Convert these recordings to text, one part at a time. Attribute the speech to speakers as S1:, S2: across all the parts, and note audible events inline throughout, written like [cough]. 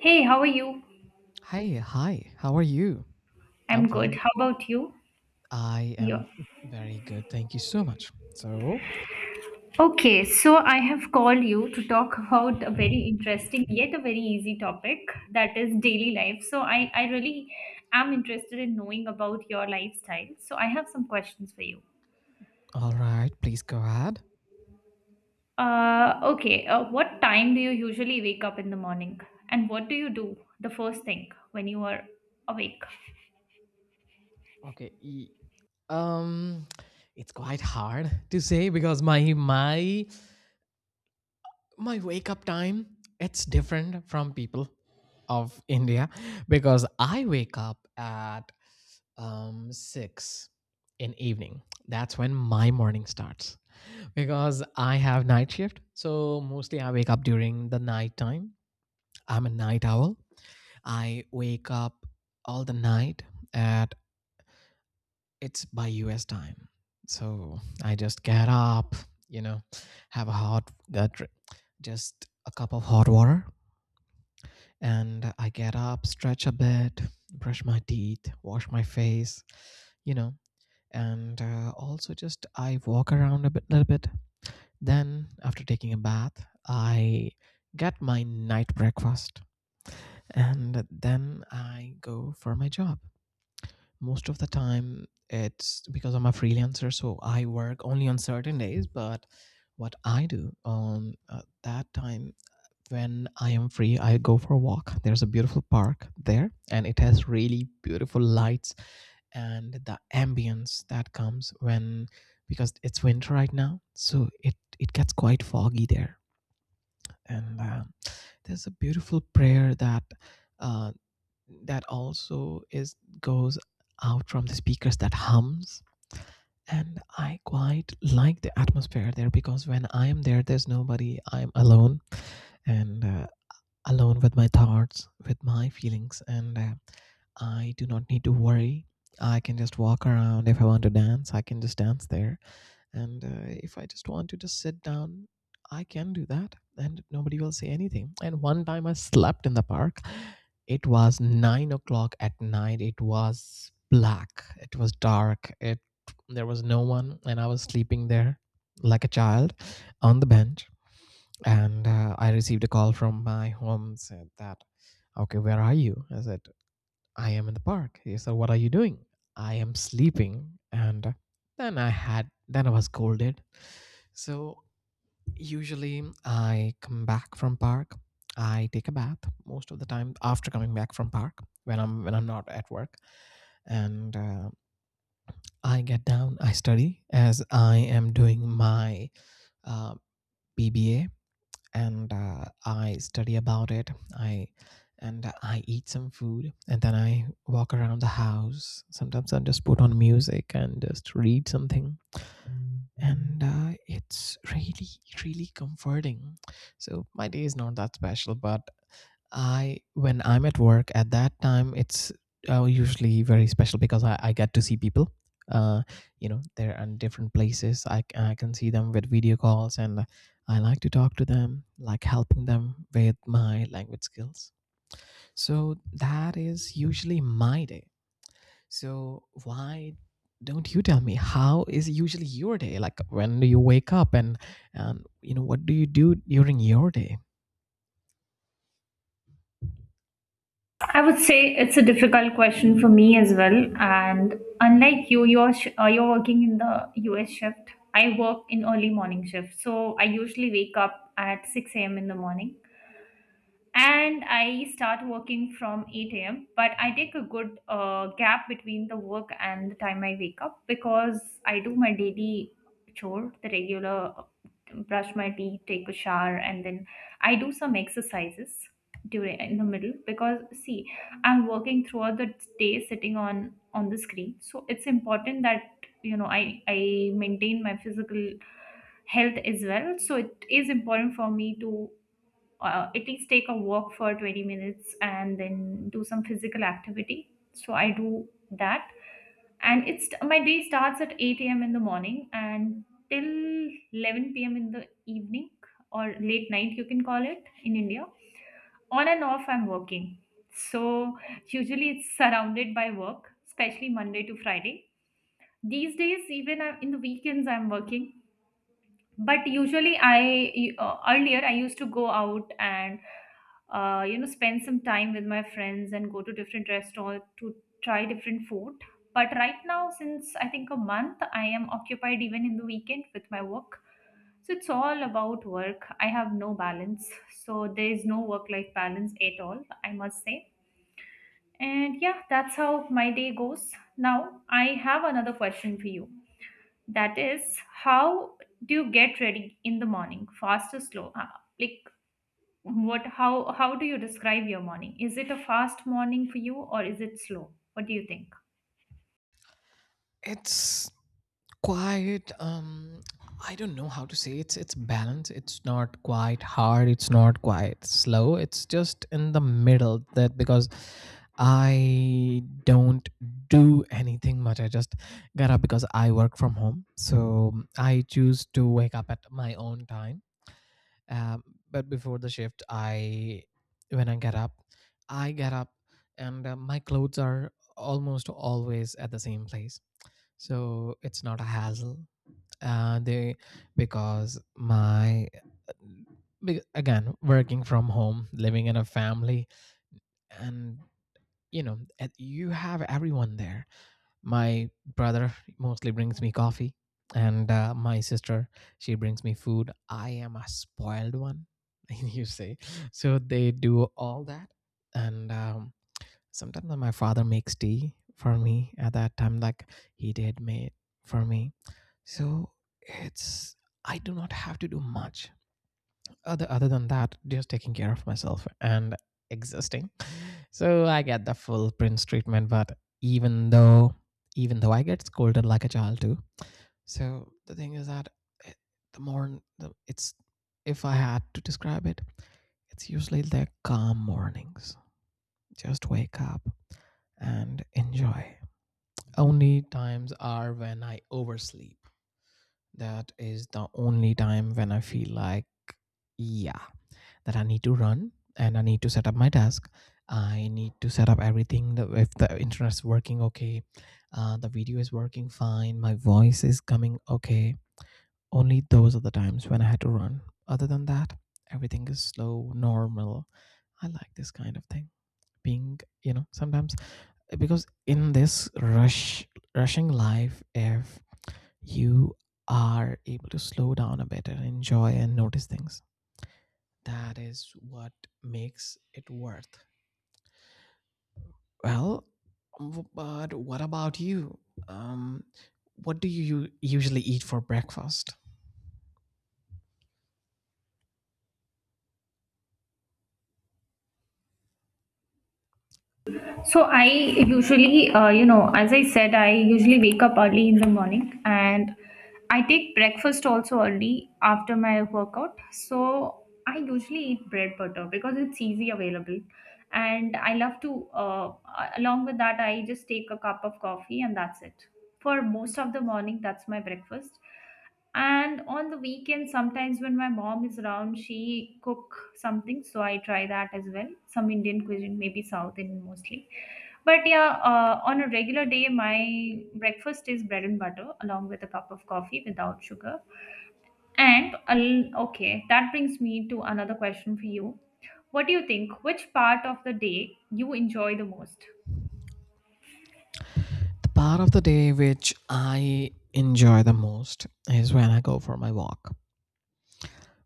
S1: Hey, how are you?
S2: Hi, hi. How are you? I'm
S1: I'm good.
S2: fine.
S1: How about you?
S2: I
S1: Yeah.
S2: am very good. Thank you so much. So,
S1: Okay, so I have called you to talk about a very interesting yet a very easy topic that is daily life. So I really am interested in knowing about your lifestyle. So I have some questions for you.
S2: all right, please go ahead.
S1: Okay, what time do you usually wake up in the morning? And what do you do the first thing when you are awake?
S2: Okay. Um, it's quite hard to say because my my wake up time it's different from people of India because I wake up at six in evening. That's when my morning starts. Because I have night shift, so mostly I wake up during the night time. I'm a night owl. I wake up all the night at it's by US time. So I just get up, you know, have a hot just a cup of hot water, and I get up, stretch a bit, brush my teeth, wash my face, you know, and also just I walk around a bit, little bit. Then, after taking a bath, I get my night breakfast and then I go for my job. Most of the time, it's because I'm a freelancer, so I work only on certain days. But what I do on that time when I am free, I go for a walk. There's a beautiful park there, and it has really beautiful lights and the ambience that comes when, because it's winter right now, so it gets quite foggy there, and there's a beautiful prayer that uh, that also is goes out from the speakers that hums, and I quite like the atmosphere there because when I am there there's nobody, I'm alone, and alone with my thoughts, with my feelings, and I do not need to worry. I can just walk around. If I want to dance I can just dance there, and if I just want to just sit down I can do that and nobody will say anything. And one time I slept in the park. It was 9 o'clock at night, it was black, it was dark, it, there was no one and I was sleeping there like a child on the bench, and I received a call from my home, said that, okay, where are you? I said I am in the park. He said, what are you doing? I am sleeping. And Then then I was scolded. So usually I come back from park. I take a bath most of the time after coming back from park when I'm not at work, and I get down. I study as I am doing my uh, BBA, and I study about it. I and I eat some food and then I walk around the house. Sometimes I just put on music and just read something, and it's really really comforting. So my day is not that special, but I, when I'm at work at that time it's usually very special because I get to see people, uh, you know, they're in different places. I can see them with video calls and I like to talk to them, like helping them with my language skills. So that is usually my day. So why don't you tell me how is usually your day? Like, when do you wake up and you know, what do you do during your day?
S1: I would say it's a difficult question for me as well. And unlike you, you're working in the US shift. I work in early morning shift, so I usually wake up at 6 a.m. in the morning, and I start working from 8 a.m. But I take a good gap between the work and the time I wake up because I do my daily chore, the regular brush my teeth, take a shower, and then I do some exercises during in the middle because see, I'm working throughout the day sitting on the screen, so it's important that I maintain my physical health as well. So it is important for me to at least take a walk for 20 minutes and then do some physical activity. So I do that. And it's my day starts at 8 a.m. in the morning and till 11 p.m. in the evening, or late night, you can call it in India. On and off, I'm working. So usually it's surrounded by work, especially Monday to Friday. These days, in the weekends, I'm working, but usually I earlier I used to go out and you know, spend some time with my friends and go to different restaurants to try different food. But right now, since I think a month, I am occupied even in the weekend with my work. So it's all about work. I have no balance. So there is no work life balance at all, I must say. And yeah, that's how my day goes. Now I have another question for you, that is, how do you get ready in the morning? Fast or slow? Like what how do you describe your morning? Is it a fast morning for you or is it slow? What do you think?
S2: It's quite. I don't know how to say, it's balanced. It's not quite hard, it's not quite slow, it's just in the middle. That because I don't do anything much. I just get up because I work from home. So I choose to wake up at my own time. Um, but before the shift, I, when I get up, I get up, and my clothes are almost always at the same place, so it's not a hassle. They, because my, again, working from home, living in a family, and, you know, and you have everyone there. My brother mostly brings me coffee, and my sister, she brings me food. I am a spoiled one, [laughs] you say. So they do all that, and sometimes when my father makes tea for me at that time, like he did made for me. So it's, I do not have to do much other than that, just taking care of myself and existing. So I get the full prince treatment, but even though I get scolded like a child too. So the thing is that, eh, it's, if I had to describe it, it's usually the calm mornings, just wake up and enjoy. Only times are when I oversleep. That is the only time when I feel like, yeah, that I need to run and I need to set up my desk. I need to set up everything. The, if the internet's working okay, the video is working fine, my voice is coming okay. Only those are the times when I had to run. Other than that, everything is slow, normal. I like this kind of thing. Being, you know, sometimes, because in this rushing life, if you are able to slow down a bit and enjoy and notice things, that is what makes it worth. Well, but what about you, um what do you usually eat for breakfast?
S1: So I usually, you know, as I said, I usually wake up early in the morning, and I take breakfast also early after my workout. So I usually eat bread butter because it's easy available. And I love to, along with that, I just take a cup of coffee, and that's it. For most of the morning, that's my breakfast. And on the weekend, sometimes when my mom is around, she cook something, so I try that as well. Some Indian cuisine, maybe South Indian mostly. But yeah, on a regular day, my breakfast is bread and butter along with a cup of coffee without sugar. Okay, that brings me to another question for you. What do you think? Which part of the day you enjoy the most?
S2: The part of the day which I enjoy the most is when I go for my walk,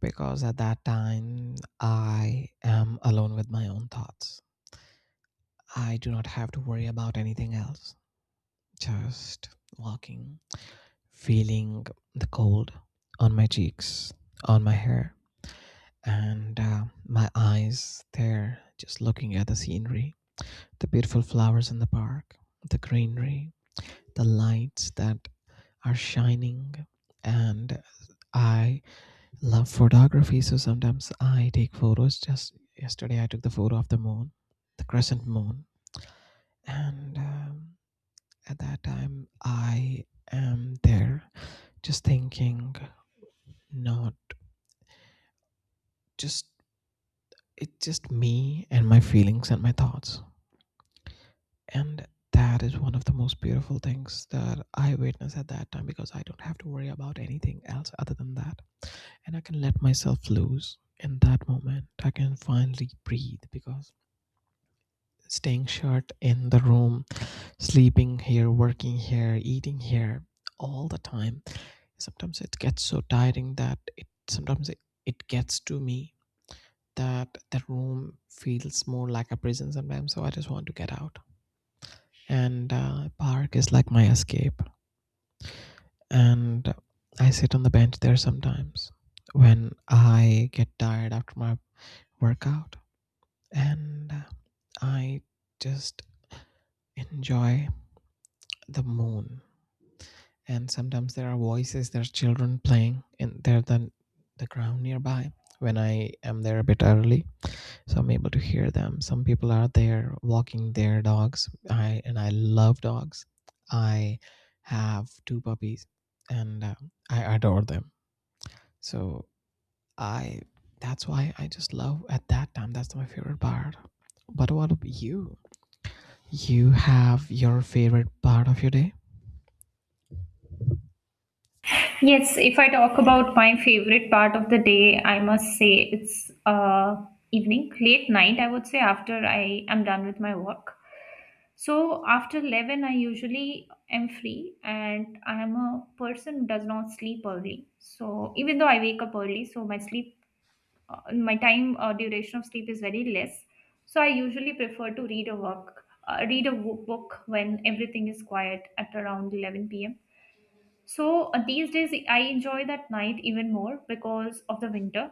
S2: because at that time I am alone with my own thoughts. I do not have to worry about anything else. Just walking, feeling the cold on my cheeks, on my hair, and my eyes there, just looking at the scenery, the beautiful flowers in the park, the greenery, the lights that are shining. And I love photography, so sometimes I take photos. Just yesterday, I took the photo of the moon, the crescent moon, and at that time, I am there just thinking, not just, it's just me and my feelings and my thoughts. And that is one of the most beautiful things that I witness at that time, because I don't have to worry about anything else other than that. And I can let myself loose in that moment. I can finally breathe because staying shut in the room, sleeping here, working here, eating here all the time, sometimes it gets so tiring that it gets to me, that the room feels more like a prison sometimes. So I just want to get out, and park is like my escape. And I sit on the bench there sometimes, when I get tired after my workout, and I just enjoy the moon. And sometimes there are voices, there's children playing and they're the ground nearby, when I am there a bit early, so I'm able to hear them. Some people are there walking their dogs. I love dogs. I have two puppies, and I adore them. So I that's why I just love at that time. That's my favorite part. But what about you? You have your favorite part of your day?
S1: Yes, if I talk about my favorite part of the day, I must say it's evening, late night, I would say, after I am done with my work. So after 11, I usually am free, and I am a person who does not sleep early. So even though I wake up early, so my sleep, my time duration of sleep is very less. So I usually prefer to read a book when everything is quiet at around 11 p.m. So these days I enjoy that night even more because of the winter,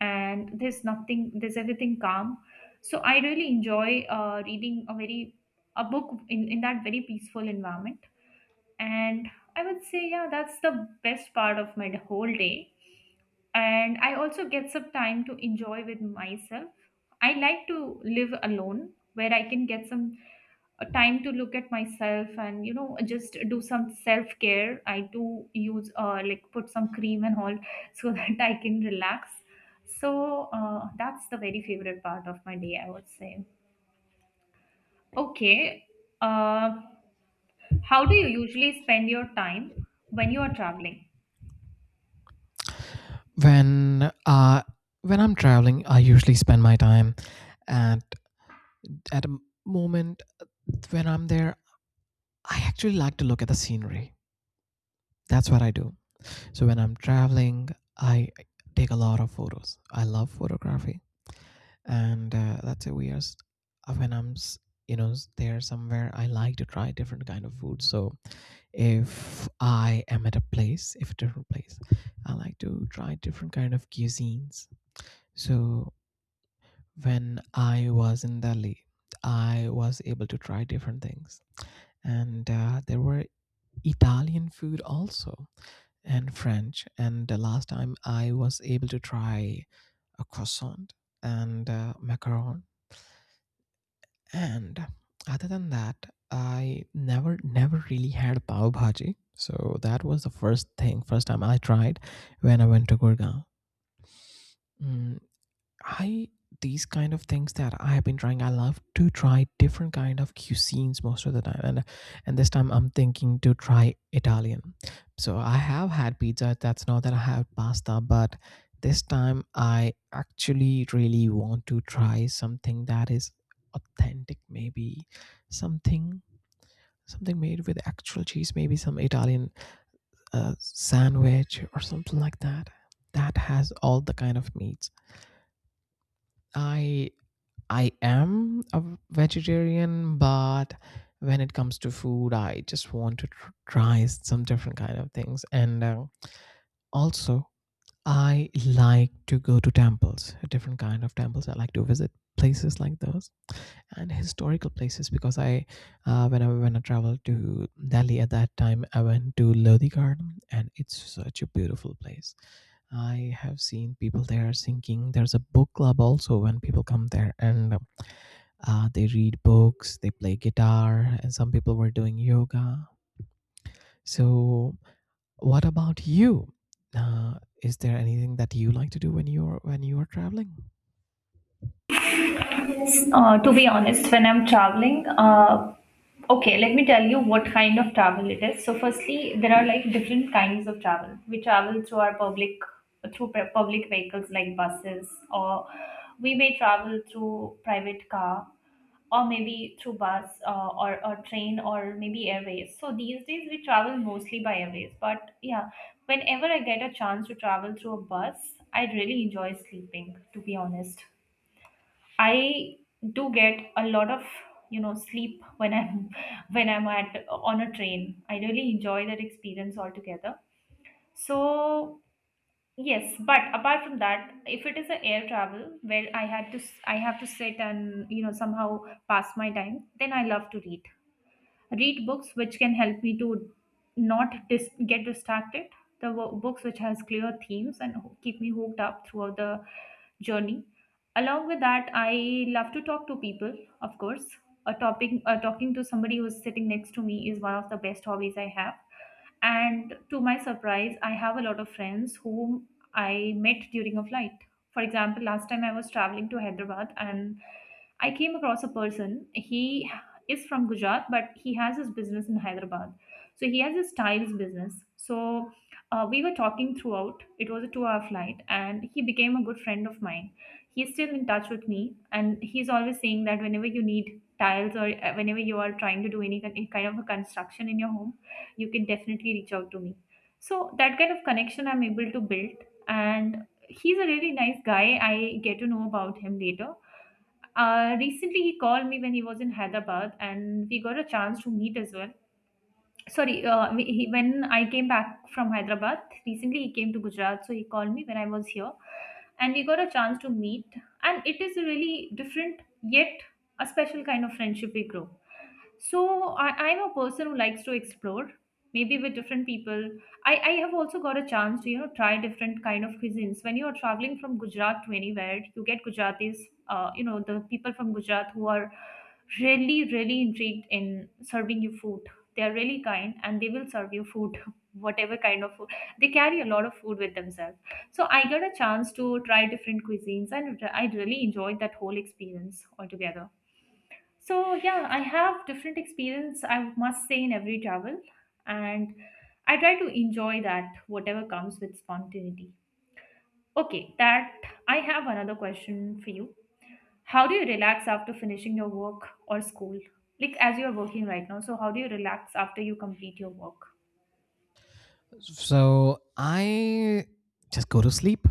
S1: and there's nothing, there's everything calm. So I really enjoy reading a very a book in that very peaceful environment. And I would say, yeah, that's the best part of my whole day. And I also get some time to enjoy with myself. I like to live alone where I can get some a time to look at myself and you know, just do some self care. I do use like put some cream and all [laughs] so that I can relax. So that's the very favorite part of my day, I would say. Okay. uh, how do you usually spend your time when you are traveling?
S2: when uh when I'm traveling, I usually spend my time at, a moment when I'm there. I actually like to look at the scenery. That's what I do. So when I'm traveling, I take a lot of photos. I love photography, and that's a weird. When you know, there somewhere, I like to try different kind of food. So if I am at a place, if a different place, I like to try different kind of cuisines. So when I was in Delhi, I was able to try different things, and there were Italian food also and French. And the last time I was able to try a croissant and macaron. And other than that, I never really had pav bhaji. So that was the first time I tried when I went to Gurgaon. Mm, I these kind of things that I have been trying. I love to try different kind of cuisines most of the time, and this time I'm thinking to try Italian. So I have had pizza. That's not that I have pasta, but this time I actually really want to try something that is authentic. Maybe something something made with actual cheese. Maybe some Italian sandwich or something like that. That has all the kind of meats. I I am a vegetarian, but when it comes to food, I just want to try some different kind of things. And Also, I like to go to temples, different kind of temples. I like to visit places like those and historical places, because I, when I traveled to Delhi at that time, I went to Lodi Garden, and it's such a beautiful place. I have seen people there singing. There's a book club also when people come there, and they read books, they play guitar, and some people were doing yoga. So what about you? Uh, is there anything that you like to do when you are traveling?
S1: To be honest, when I'm traveling, okay, let me tell you what kind of travel it is. So, firstly, there are like different kinds of travel. We travel through our public vehicles like buses, or we may travel through private car, or maybe through bus or train, or maybe airways. So these days we travel mostly by airways. But yeah, whenever I get a chance to travel through a bus, I really enjoy sleeping. To be honest. I do get a lot of, you know, sleep when I'm [laughs] when I'm at on a train. I really enjoy that experience altogether. So yes, but apart from that, if it is an air travel where I have to sit and you know, somehow pass my time, then I love to read books which can help me to not dis- get distracted, the books which has clear themes and keep me hooked up throughout the journey. Along with that, I love to talk to people, of course. A topic Talking to somebody who's sitting next to me is one of the best hobbies I have. And to my surprise, I have a lot of friends whom I met during a flight. For example, last time I was traveling to Hyderabad, and I came across a person. He is from Gujarat, but he has his business in Hyderabad. So he has his tiles business. So we were talking throughout. It was a 2 hour flight, and he became a good friend of mine. He's still in touch with me, and he's always saying that whenever you need tiles, or whenever you are trying to do any kind of a construction in your home, you can definitely reach out to me. So that kind of connection I'm able to build, and he's a really nice guy. I get to know about him later. Recently, he called me when he was in Hyderabad, and we got a chance to meet as well. Sorry, when I came back from Hyderabad, recently he came to Gujarat, so he called me when I was here, and we got a chance to meet. And it is a really different yet a special kind of friendship we grow. So I'm a person who likes to explore, maybe with different people. I have also got a chance to, you know, try different kind of cuisines. When you are traveling from Gujarat to anywhere, you get Gujaratis, you know, the people from Gujarat who are really, really intrigued in serving you food. They are really kind, and they will serve you food, [laughs] whatever kind of food. They carry a lot of food with themselves. So I got a chance to try different cuisines, and I really enjoyed that whole experience altogether. So yeah, I have different experience, I must say, in every travel, and I try to enjoy that whatever comes with spontaneity. Okay, that I have another question for you. How do you relax after finishing your work or school? Like as you are working right now, so how do you relax after you complete your work?
S2: So I just go to sleep.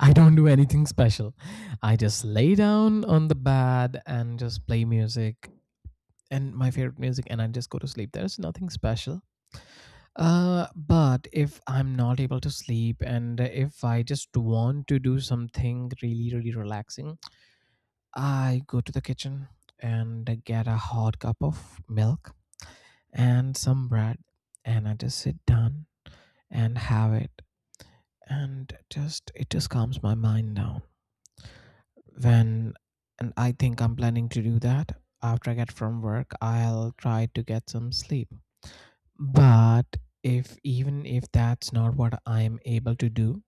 S2: I don't do anything special. I just lay down on the bed and just play music and my favorite music and I just go to sleep. There's nothing special. But if I'm not able to sleep and if I just want to do something really, really relaxing, I go to the kitchen and I get a hot cup of milk and some bread and I just sit down and have it, and just, it just calms my mind down. Then, and I think I'm planning to do that. After I get from work, I'll try to get some sleep. But if, even if that's not what I'm able to do,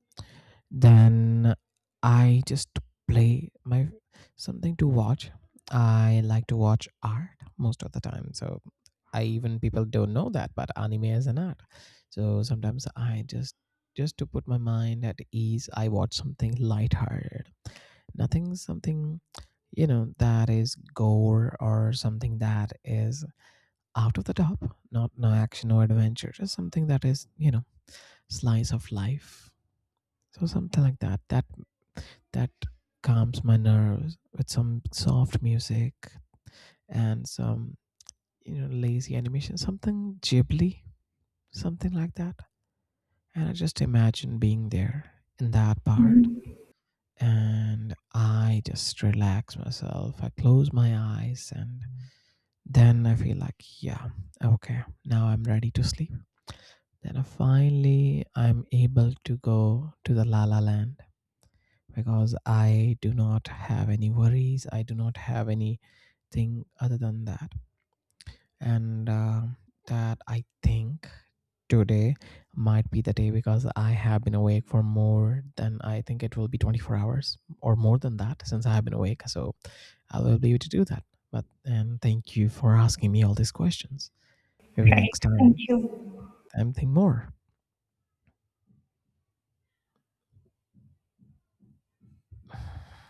S2: then I just play my something to watch. I like to watch art most of the time. So I, even people don't know that, but anime is an art. So sometimes I just to put my mind at ease, I watch something lighthearted. Nothing Something, you know, that is gore or something that is out of the top, not, no action or adventure, just something that is, you know, slice of life. So something like that. That calms my nerves with some soft music and some, you know, lazy animation, something ghibli, something like that. And I just imagine being there in that part
S1: Mhm.
S2: and I just relax myself. I close my eyes and then I feel like, yeah, okay, now I'm ready to sleep. Then I finally I'm able to go to the la la land because I do not have any worries. I do not have anything other than that. And That, I think today might be the day because I have been awake for more than, I think it will be 24 hours or more than that since I have been awake. So I will be able to do that. But, and thank you for asking me all these questions. Maybe
S1: Right.
S2: next
S1: Thank
S2: time,
S1: you.
S2: something more.